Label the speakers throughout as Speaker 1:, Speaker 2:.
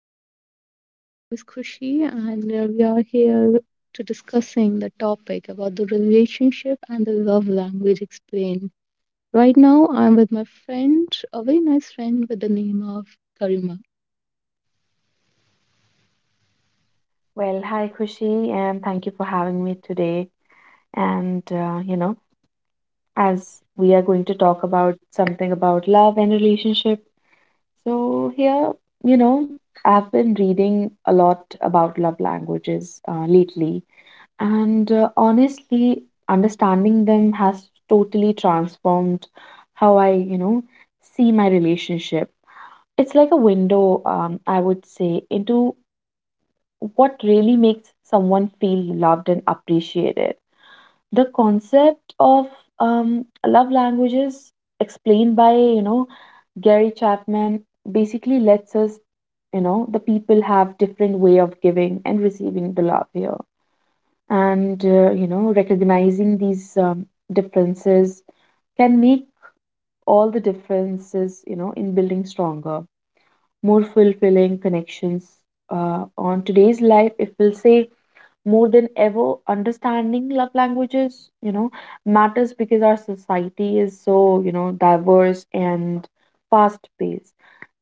Speaker 1: Hello everyone, my name is Khushi and we are here to discussing the topic about the relationship and the love language explained. Right now I'm with my friend, a very nice friend with the name of Karima.
Speaker 2: Well, hi, Khushi, and thank you for having me today. And, as we are going to talk about something about love and relationship. So, here, you know, I've been reading a lot about love languages lately, and honestly, understanding them has totally transformed how I see my relationship. It's like a window, I would say, into what really makes someone feel loved and appreciated. The concept of love languages explained by, Gary Chapman basically lets us, the people have different way of giving and receiving the love here. And, recognizing these differences can make all the differences, in building stronger, more fulfilling connections on today's life. If we'll say, more than ever, understanding love languages matters because our society is so diverse and fast paced.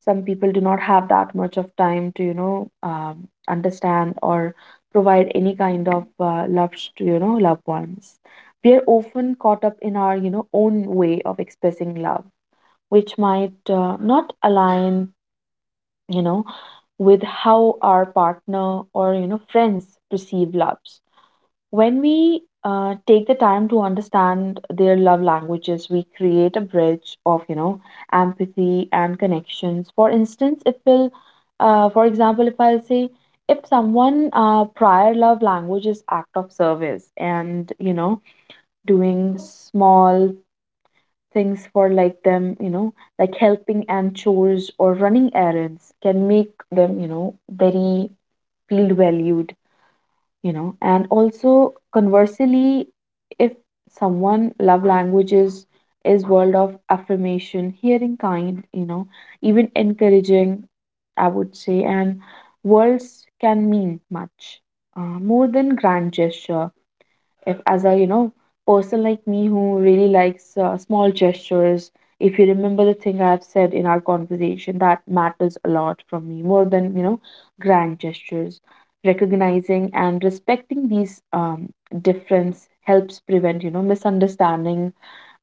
Speaker 2: Some people do not have that much of time to understand or provide any kind of love to loved ones. We are often caught up in our own way of expressing love, which might not align you know with how our partner or friends perceive love. When we take the time to understand their love languages, we create a bridge of empathy and connections. For instance, if we'll, for example, if I'll say, if someone prior love language is act of service, and, doing small things for like them, like helping and chores or running errands can make them, very feel valued, and also conversely, if someone love languages is world of affirmation, hearing kind, even encouraging, I would say, and words can mean much more than grand gesture. If, as a person like me who really likes small gestures, if you remember the thing I've said in our conversation, that matters a lot for me more than grand gestures. Recognizing and respecting these difference helps prevent misunderstanding,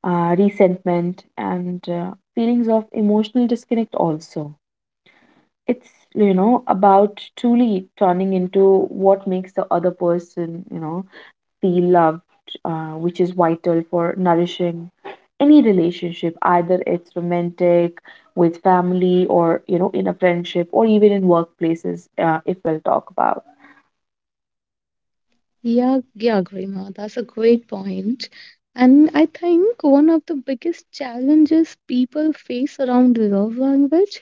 Speaker 2: resentment, and feelings of emotional disconnect. Also, it's about truly turning into what makes the other person feel loved, which is vital for nourishing any relationship, either it's romantic, with family, or, in a friendship, or even in workplaces, if we'll talk about.
Speaker 1: Yeah, yeah, Grima, that's a great point. And I think one of the biggest challenges people face around love language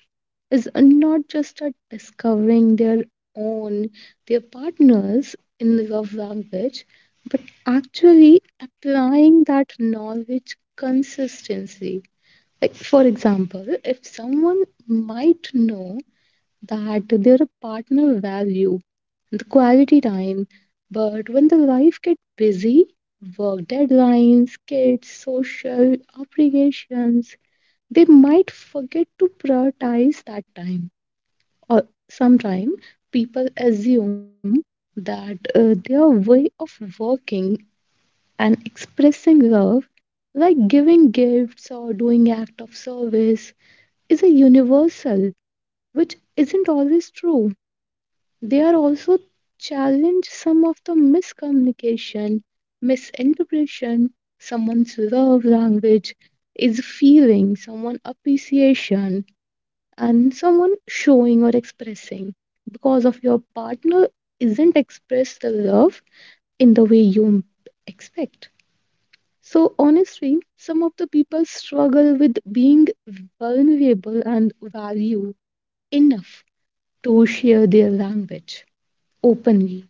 Speaker 1: is not just at discovering their own, their partners in love language, but actually applying that knowledge consistently. Like, for example, if someone might know that their partner value the quality time. But when the life gets busy, work deadlines, kids, social obligations, they might forget to prioritize that time. Or sometimes people assume that their way of working and expressing love, like giving gifts or doing act of service, is a universal, which isn't always true. They are also challenge some of the miscommunication, misinterpretation, someone's love language is feeling, someone appreciation, and someone showing or expressing. Because of your partner isn't express the love in the way you expect. So honestly, some of the people struggle with being vulnerable and value enough to share their language openly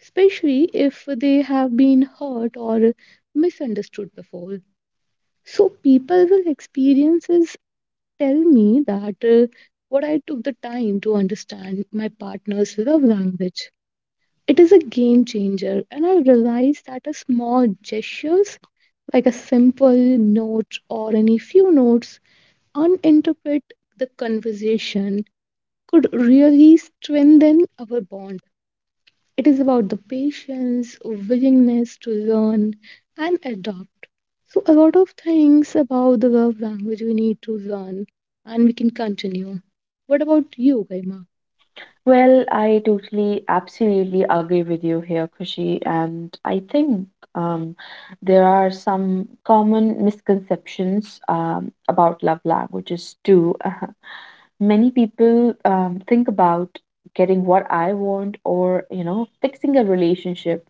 Speaker 1: especially if they have been hurt or misunderstood before. So, people with experiences tell me that what I took the time to understand my partner's love language. It is a game changer, and I realized that a small gestures like a simple note or any few notes uninterpret the conversation could really strengthen our bond. It is about the patience, willingness to learn and adopt. So, a lot of things about the love language we need to learn, and we can continue. What about you, Garima?
Speaker 2: Well, I totally, absolutely agree with you here, Kushi, and I think um, there are some common misconceptions about love languages too. Many people think about getting what I want, or, fixing a relationship.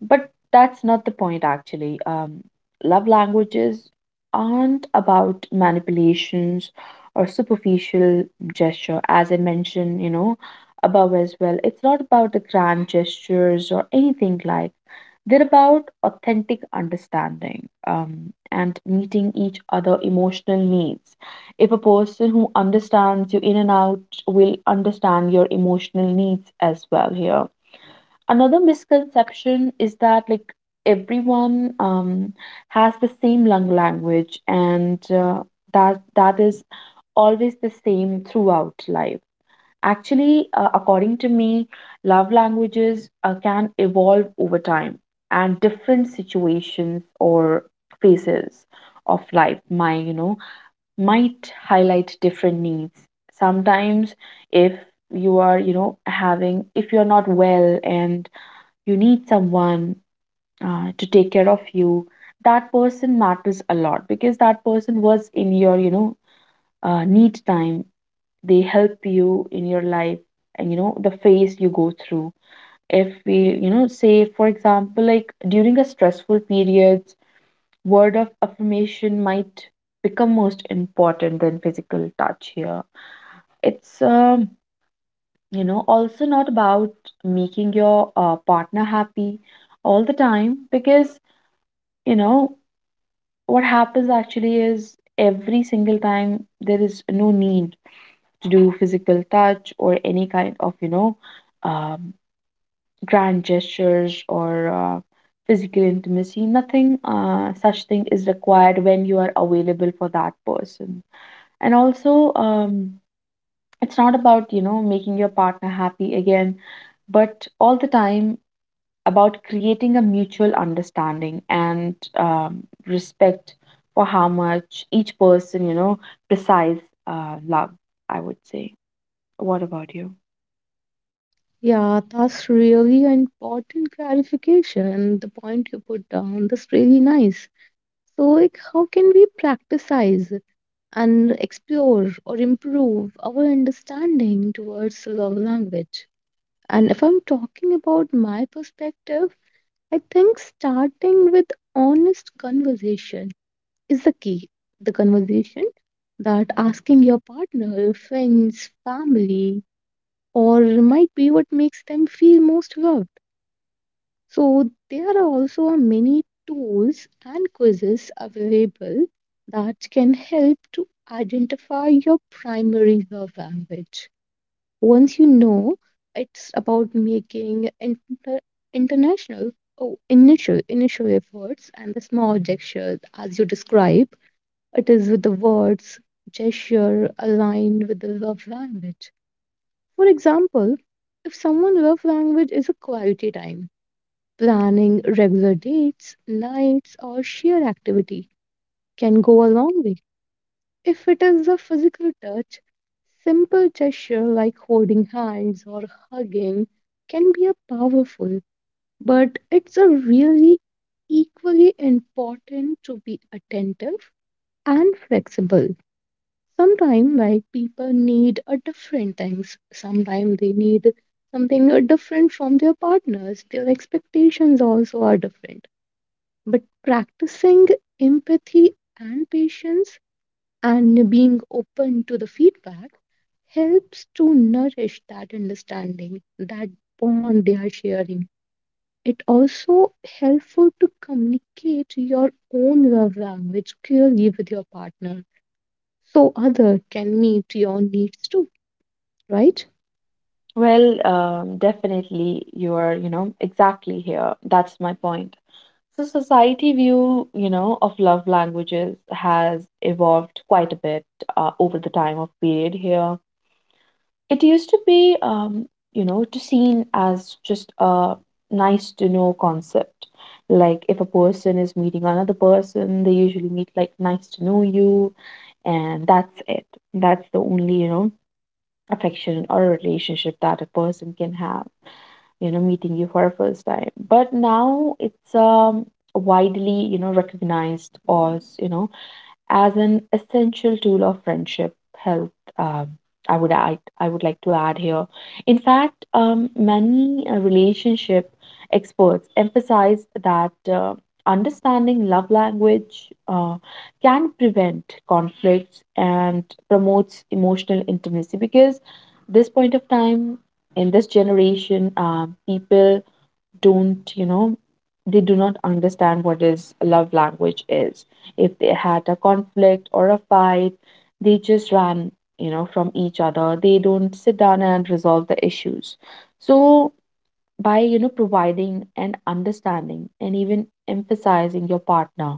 Speaker 2: But that's not the point, actually. Love languages aren't about manipulations or superficial gesture, as I mentioned, above as well. It's not about the grand gestures or anything like. They're about authentic understanding and meeting each other emotional needs. If a person who understands you in and out will understand your emotional needs as well here, another misconception is that, like, everyone has the same lung language, and that is always the same throughout life. Actually, according to me, love languages can evolve over time, and different situations or phases of life my might highlight different needs. Sometimes, if you are, having, if you're not well and you need someone to take care of you, that person matters a lot because that person was in your need time. They help you in your life and the phase you go through. If we say, for example, like during a stressful periods, word of affirmation might become most important than physical touch here. It's also not about making your partner happy all the time, because you know what happens actually is every single time there is no need to do physical touch or any kind of um, grand gestures, or uh, physical intimacy. Nothing such thing is required when you are available for that person. And also, it's not about making your partner happy again, but all the time about creating a mutual understanding and respect for how much each person, precise love, I would say. What about you?
Speaker 1: Yeah, that's really an important clarification. The point you put down, that's really nice. So, like, how can we practicize and explore or improve our understanding towards love language? And if I'm talking about my perspective, I think starting with honest conversation is the key. The conversation that asking your partner, friends, family, or might be what makes them feel most loved. So there are also a many tools and quizzes available that can help to identify your primary love language once you know it's about making international oh, initial efforts and the small gestures as you describe it is with the words gesture aligned with the love language, for example if someone love language is a quality time, planning regular dates nights or shared activity can go a long way. If it is a physical touch, simple gesture like holding hands or hugging can be a powerful, but it's a really equally important to be attentive and flexible. Sometimes, like people need a different things. Sometimes they need something different from their partners. Their expectations also are different. But practicing empathy and patience and being open to the feedback helps to nourish that understanding, that bond they are sharing. It also helpful to communicate your own love language clearly with your partner, so other can meet your needs too, right?
Speaker 2: Well, definitely you are, exactly here. That's my point. So, society view, of love languages has evolved quite a bit over the time of period here. It used to be, to seen as just a nice to know concept. Like, if a person is meeting another person, they usually meet like, nice to know you, and that's it. That's the only, affection or a relationship that a person can have, meeting you for a first time. But now it's widely, recognized as an essential tool of friendship health. um, I would like to add here. In fact, many relationship experts emphasize that understanding love language can prevent conflicts and promotes emotional intimacy, because this point of time, in this generation, people don't you know they do not understand what is love language is. If they had a conflict or a fight, they just ran from each other. They don't sit down and resolve the issues. So, by providing an understanding and even emphasizing your partner,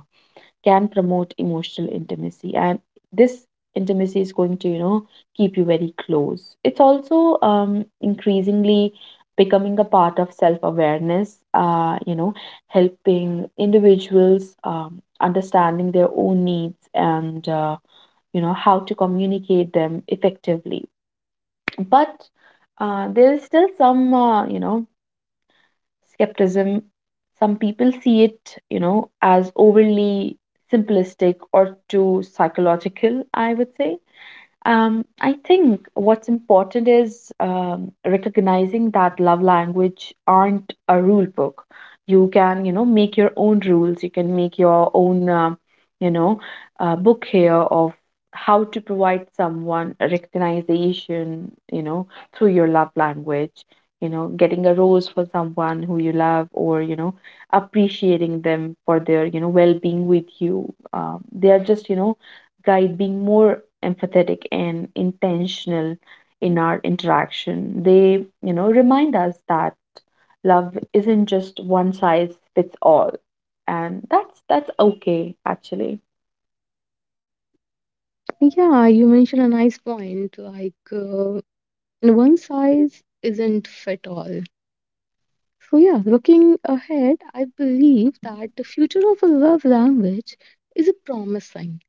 Speaker 2: can promote emotional intimacy, and this intimacy is going to keep you very close. It's also increasingly becoming a part of self-awareness, helping individuals understanding their own needs and how to communicate them effectively. But there is still some skepticism. Some people see it, as overly simplistic or too psychological, I would say. I think what's important is recognizing that love language aren't a rule book. You can, make your own rules. You can make your own, you know, book here of how to provide someone a recognition, through your love language. You know, getting a rose for someone who you love, or, appreciating them for their well-being with you. They are just, guide being more empathetic and intentional in our interaction. They, remind us that love isn't just one size fits all. And that's okay, actually.
Speaker 1: Yeah, you mentioned a nice point. Like one size isn't fit all. So yeah, looking ahead, I believe that the future of a love language is a promising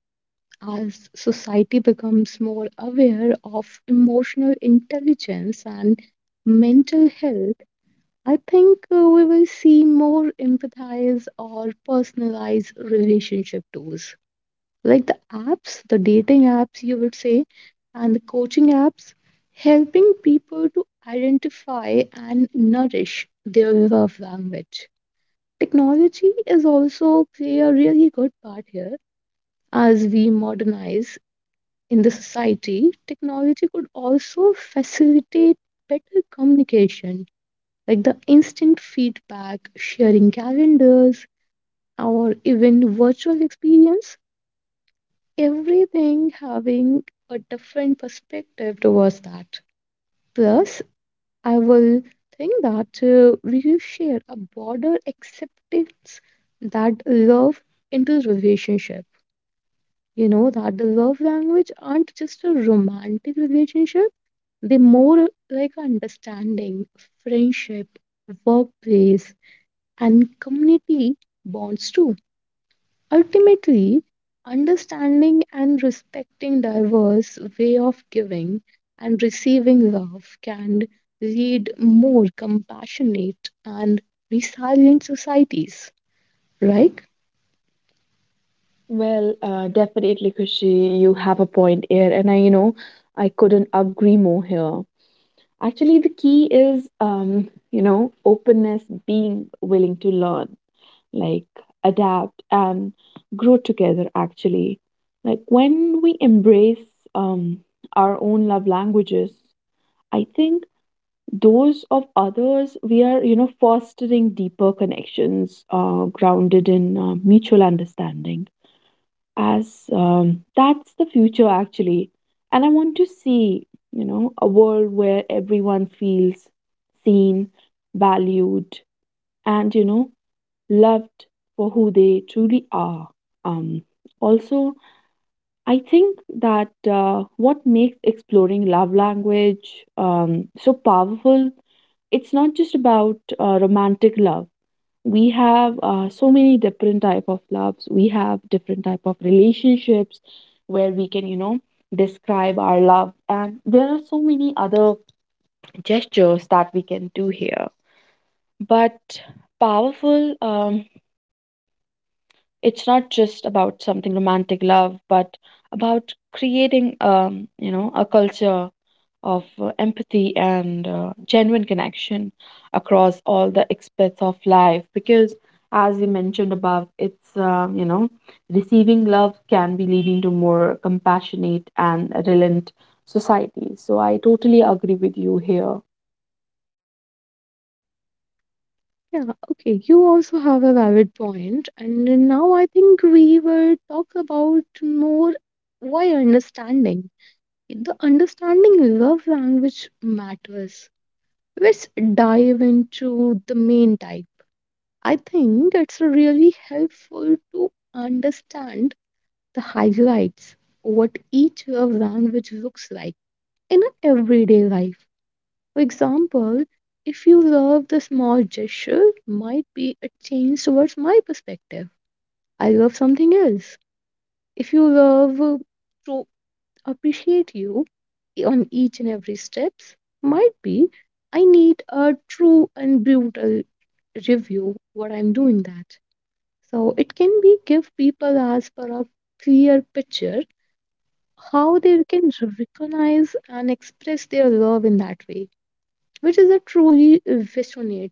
Speaker 1: as society becomes more aware of emotional intelligence and mental health, I think we will see more empathize or personalized relationship tools. Like the apps, the dating apps, you would say, and the coaching apps, helping people to identify and nourish their love language. Technology is also play a really good part here. As we modernize in the society, technology could also facilitate better communication, like the instant feedback, sharing calendars, or even virtual experience, everything having a different perspective towards that. Plus, I will think that we will share a broader acceptance that love into relationship. You know, that the love language aren't just a romantic relationship. They more like understanding, friendship, workplace, and community bonds too. Ultimately, understanding and respecting diverse way of giving and receiving love can lead more compassionate and resilient societies, right?
Speaker 2: Well, definitely, Kushi, you have a point here, and I couldn't agree more here. Actually, the key is, openness, being willing to learn. Like, adapt and grow together, actually, like when we embrace um, our own love languages, I think those of others, we are fostering deeper connections grounded in mutual understanding. As that's the future, actually, and I want to see a world where everyone feels seen, valued, and loved for who they truly are. Um, Also, I think that what makes exploring love language so powerful, it's not just about romantic love. We have so many different type of loves. We have different type of relationships where we can, describe our love. And there are so many other gestures that we can do here. But powerful. It's not just about something romantic love, but about creating, a culture of empathy and genuine connection across all the aspects of life. Because, as you mentioned above, it's receiving love can be leading to more compassionate and relent society. So, I totally agree with you here.
Speaker 1: Yeah, okay. You also have a valid point. And now I think we will talk about more why understanding the understanding love language matters. Let's dive into the main type. I think it's really helpful to understand the highlights, what each love language looks like in an everyday life. For example, if you love the small gesture, might be a change towards my perspective. I love something else. If you love to appreciate you on each and every steps, might be I need a true and brutal review what I'm doing that. So it can be give people as per a clear picture how they can recognize and express their love in that way, which is a truly resonate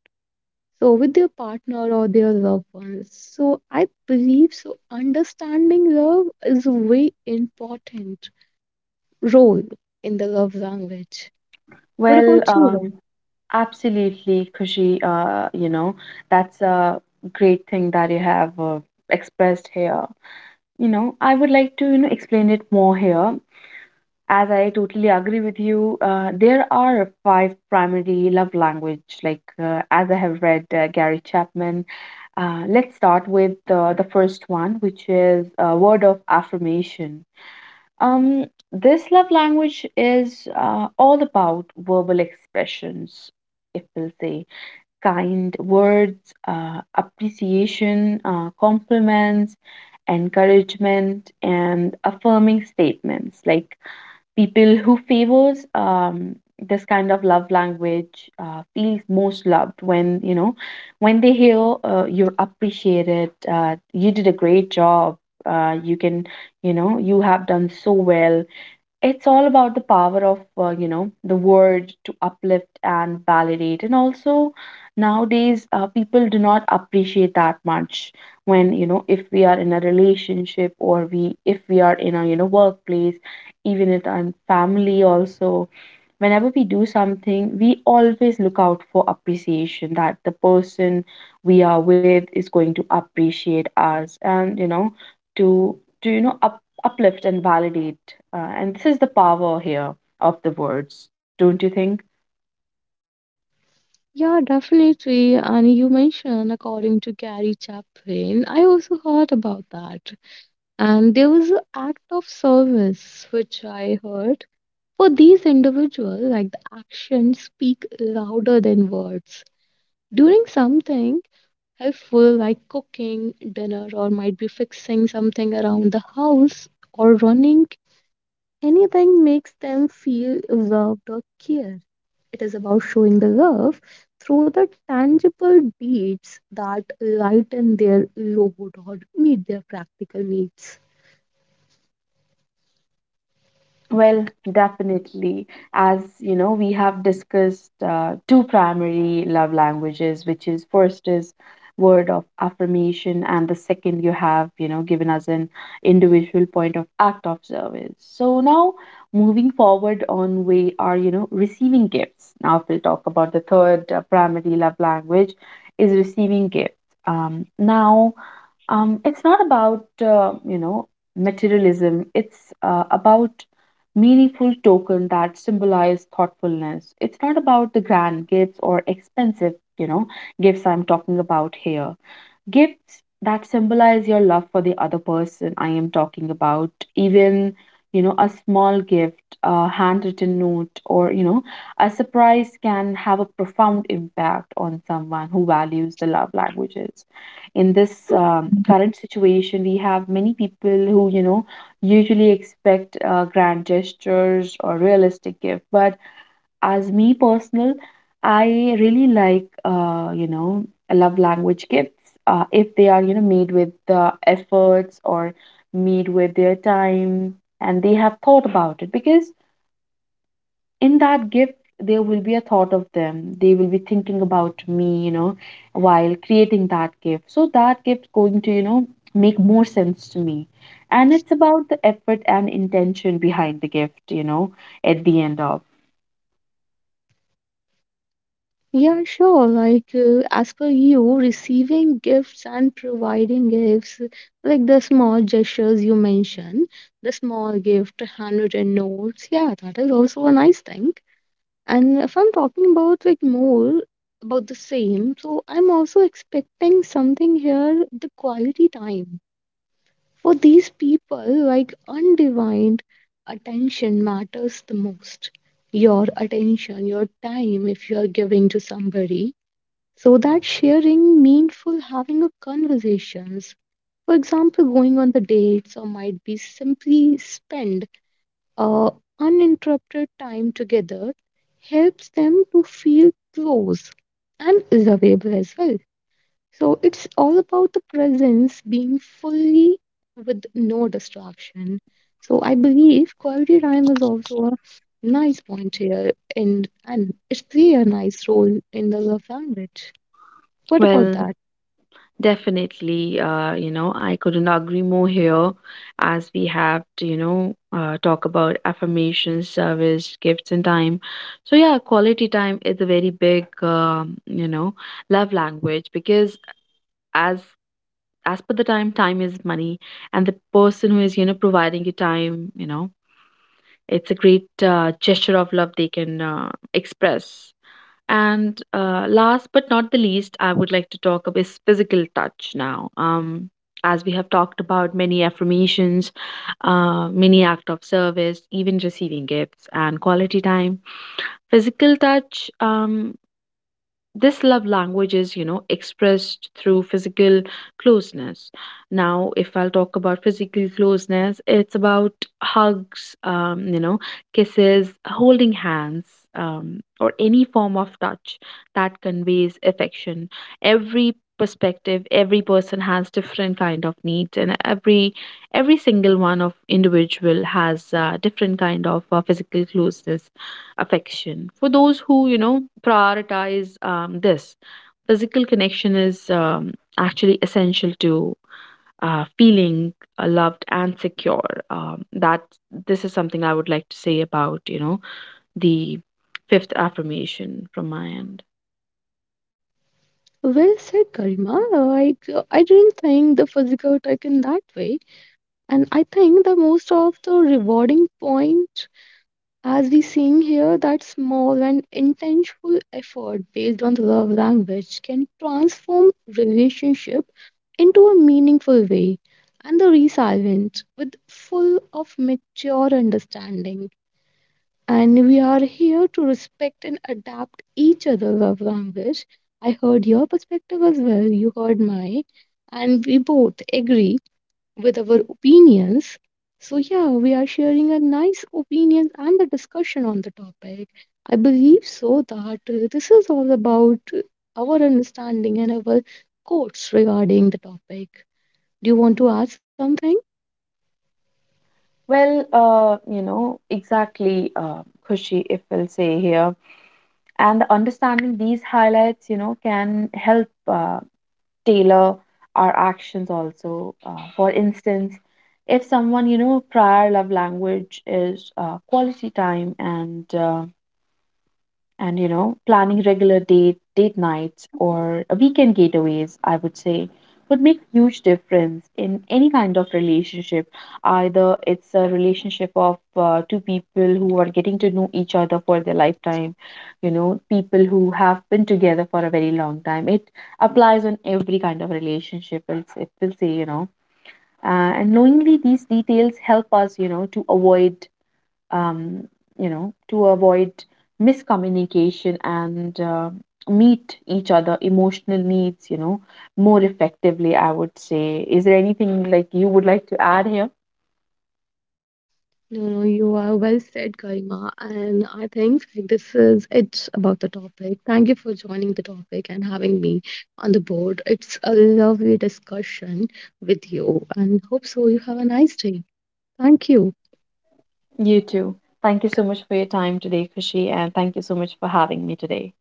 Speaker 1: so with their partner or their loved ones. So I believe so understanding love is a very important role in the love language. What
Speaker 2: Well,
Speaker 1: about you? Ram?
Speaker 2: absolutely, Kushi. That's a great thing that you have expressed here. I would like to, explain it more here. As I totally agree with you, there are five primary love language. Like, as I have read Gary Chapman, let's start with the first one, which is a word of affirmation. Um, this love language is all about verbal expressions, if we'll say, kind words, appreciation, compliments, encouragement, and affirming statements. Like, people who favors this kind of love language feels most loved when they hear you're appreciated. You did a great job. You can you know you have done so well. It's all about the power of, the word to uplift and validate. And also, nowadays, people do not appreciate that much when, you know, if we are in a relationship or we, if we are in a, you know, workplace, even in our family also whenever we do something, we always look out for appreciation that the person we are with is going to appreciate us and, you know, to uplift and validate. And this is the power here of the words, don't you think?
Speaker 1: Yeah, definitely. And you mentioned, according to Gary Chapin, I also heard about that. And there was an act of service which I heard. For these individuals, like the actions speak louder than words. Doing something helpful like cooking dinner or might be fixing something around the house or running anything makes them feel loved or cared. It is about showing the love through the tangible deeds that lighten their load or meet their practical needs.
Speaker 2: Well, definitely. As you know, we have discussed two primary love languages, which is first is word of affirmation, and the second you have, you know, given us an individual point of act of service. So now moving forward on, we are, you know, receiving gifts. Now we'll talk about the third primary love language is receiving gifts. Now, it's not about, you know, materialism. It's about meaningful token that symbolize thoughtfulness. It's not about the grand gifts or expensive, you know, gifts I'm talking about here, gifts that symbolize your love for the other person. I am talking about, even you know, a small gift, a handwritten note, or you know, a surprise can have a profound impact on someone who values the love languages. In this current situation, we have many people who, you know, usually expect grand gestures or realistic gift, but as me personal, I really like you know, love language gifts if they are, you know, made with the efforts or made with their time, and they have thought about it, because in that gift there will be a thought of them. They will be thinking about me, you know, while creating that gift, so that gift going to, you know, make more sense to me. And it's about the effort and intention behind the gift, you know, at the end of.
Speaker 1: Yeah, sure. Like, as per you, receiving gifts and providing gifts, like the small gestures you mentioned, the small gift, handwritten notes, yeah, that is also a nice thing. And if I'm talking about like more about the same, so I'm also expecting something here, the quality time. For these people, like undivided attention matters the most. Your attention, your time, if you're giving to somebody so that sharing meaningful having a conversations, for example, going on the dates or might be simply spend uh, uninterrupted time together helps them to feel close and is available as well. So it's all about the presence being fully with no distraction. So I believe quality time is also a nice point here, and it play a nice role in the love language. What about
Speaker 2: Well,
Speaker 1: that?
Speaker 2: definitely, you know, I couldn't agree more here, as we have to, you know, talk about affirmations, service, gifts, and time. So, yeah, quality time is a very big, you know, love language, because as as per the time, time is money, and the person who is, you know, providing you time, you know, it's a great gesture of love they can express. And last but not the least, I would like to talk about is physical touch now. As we have talked about many affirmations, many act of service, even receiving gifts and quality time. Physical touch. This love language is, you know, expressed through physical closeness. Now if I'll talk about physical closeness, it's about hugs, you know, kisses, holding hands, or any form of touch that conveys affection. Every perspective, every person has different kind of needs, and every single one of individual has different kind of physical closeness affection. For those who, you know, prioritize this, physical connection is actually essential to feeling loved and secure. That this is something I would like to say about, you know, the fifth affirmation from my end.
Speaker 1: Well said, Karima. I didn't think the physical attack in that way. And I think the most of the rewarding point, as we seeing here, that small and intentional effort based on the love language can transform relationship into a meaningful way and the resilient with full of mature understanding, and we are here to respect and adapt each other's love language. I heard your perspective as well, you heard mine, and we both agree with our opinions. So, yeah, we are sharing a nice opinions and a discussion on the topic. I believe so that this is all about our understanding and our quotes regarding the topic. Do you want to add something?
Speaker 2: Well, you know, exactly, Khushi, if we'll say here. And understanding these highlights, you know, can help tailor our actions also. For instance, if someone, you know, prior love language is quality time, and and you know, planning regular date nights or a weekend getaways, I would say would make huge difference in any kind of relationship. Either it's a relationship of two people who are getting to know each other for their lifetime, you know, people who have been together for a very long time, it applies on every kind of relationship, it will say, you know, and knowingly these details help us, you know, to avoid um, you know, to avoid miscommunication and meet each other emotional needs, you know, more effectively, I would say. Is there anything like you would like to add here?
Speaker 1: No, no, you are well said, Garima. And I think like, this is it about the topic. Thank you for joining the topic and having me on the board. It's a lovely discussion with you, and hope so. You have a nice day. Thank you.
Speaker 2: You too. Thank you so much for your time today, Kushi, and thank you so much for having me today.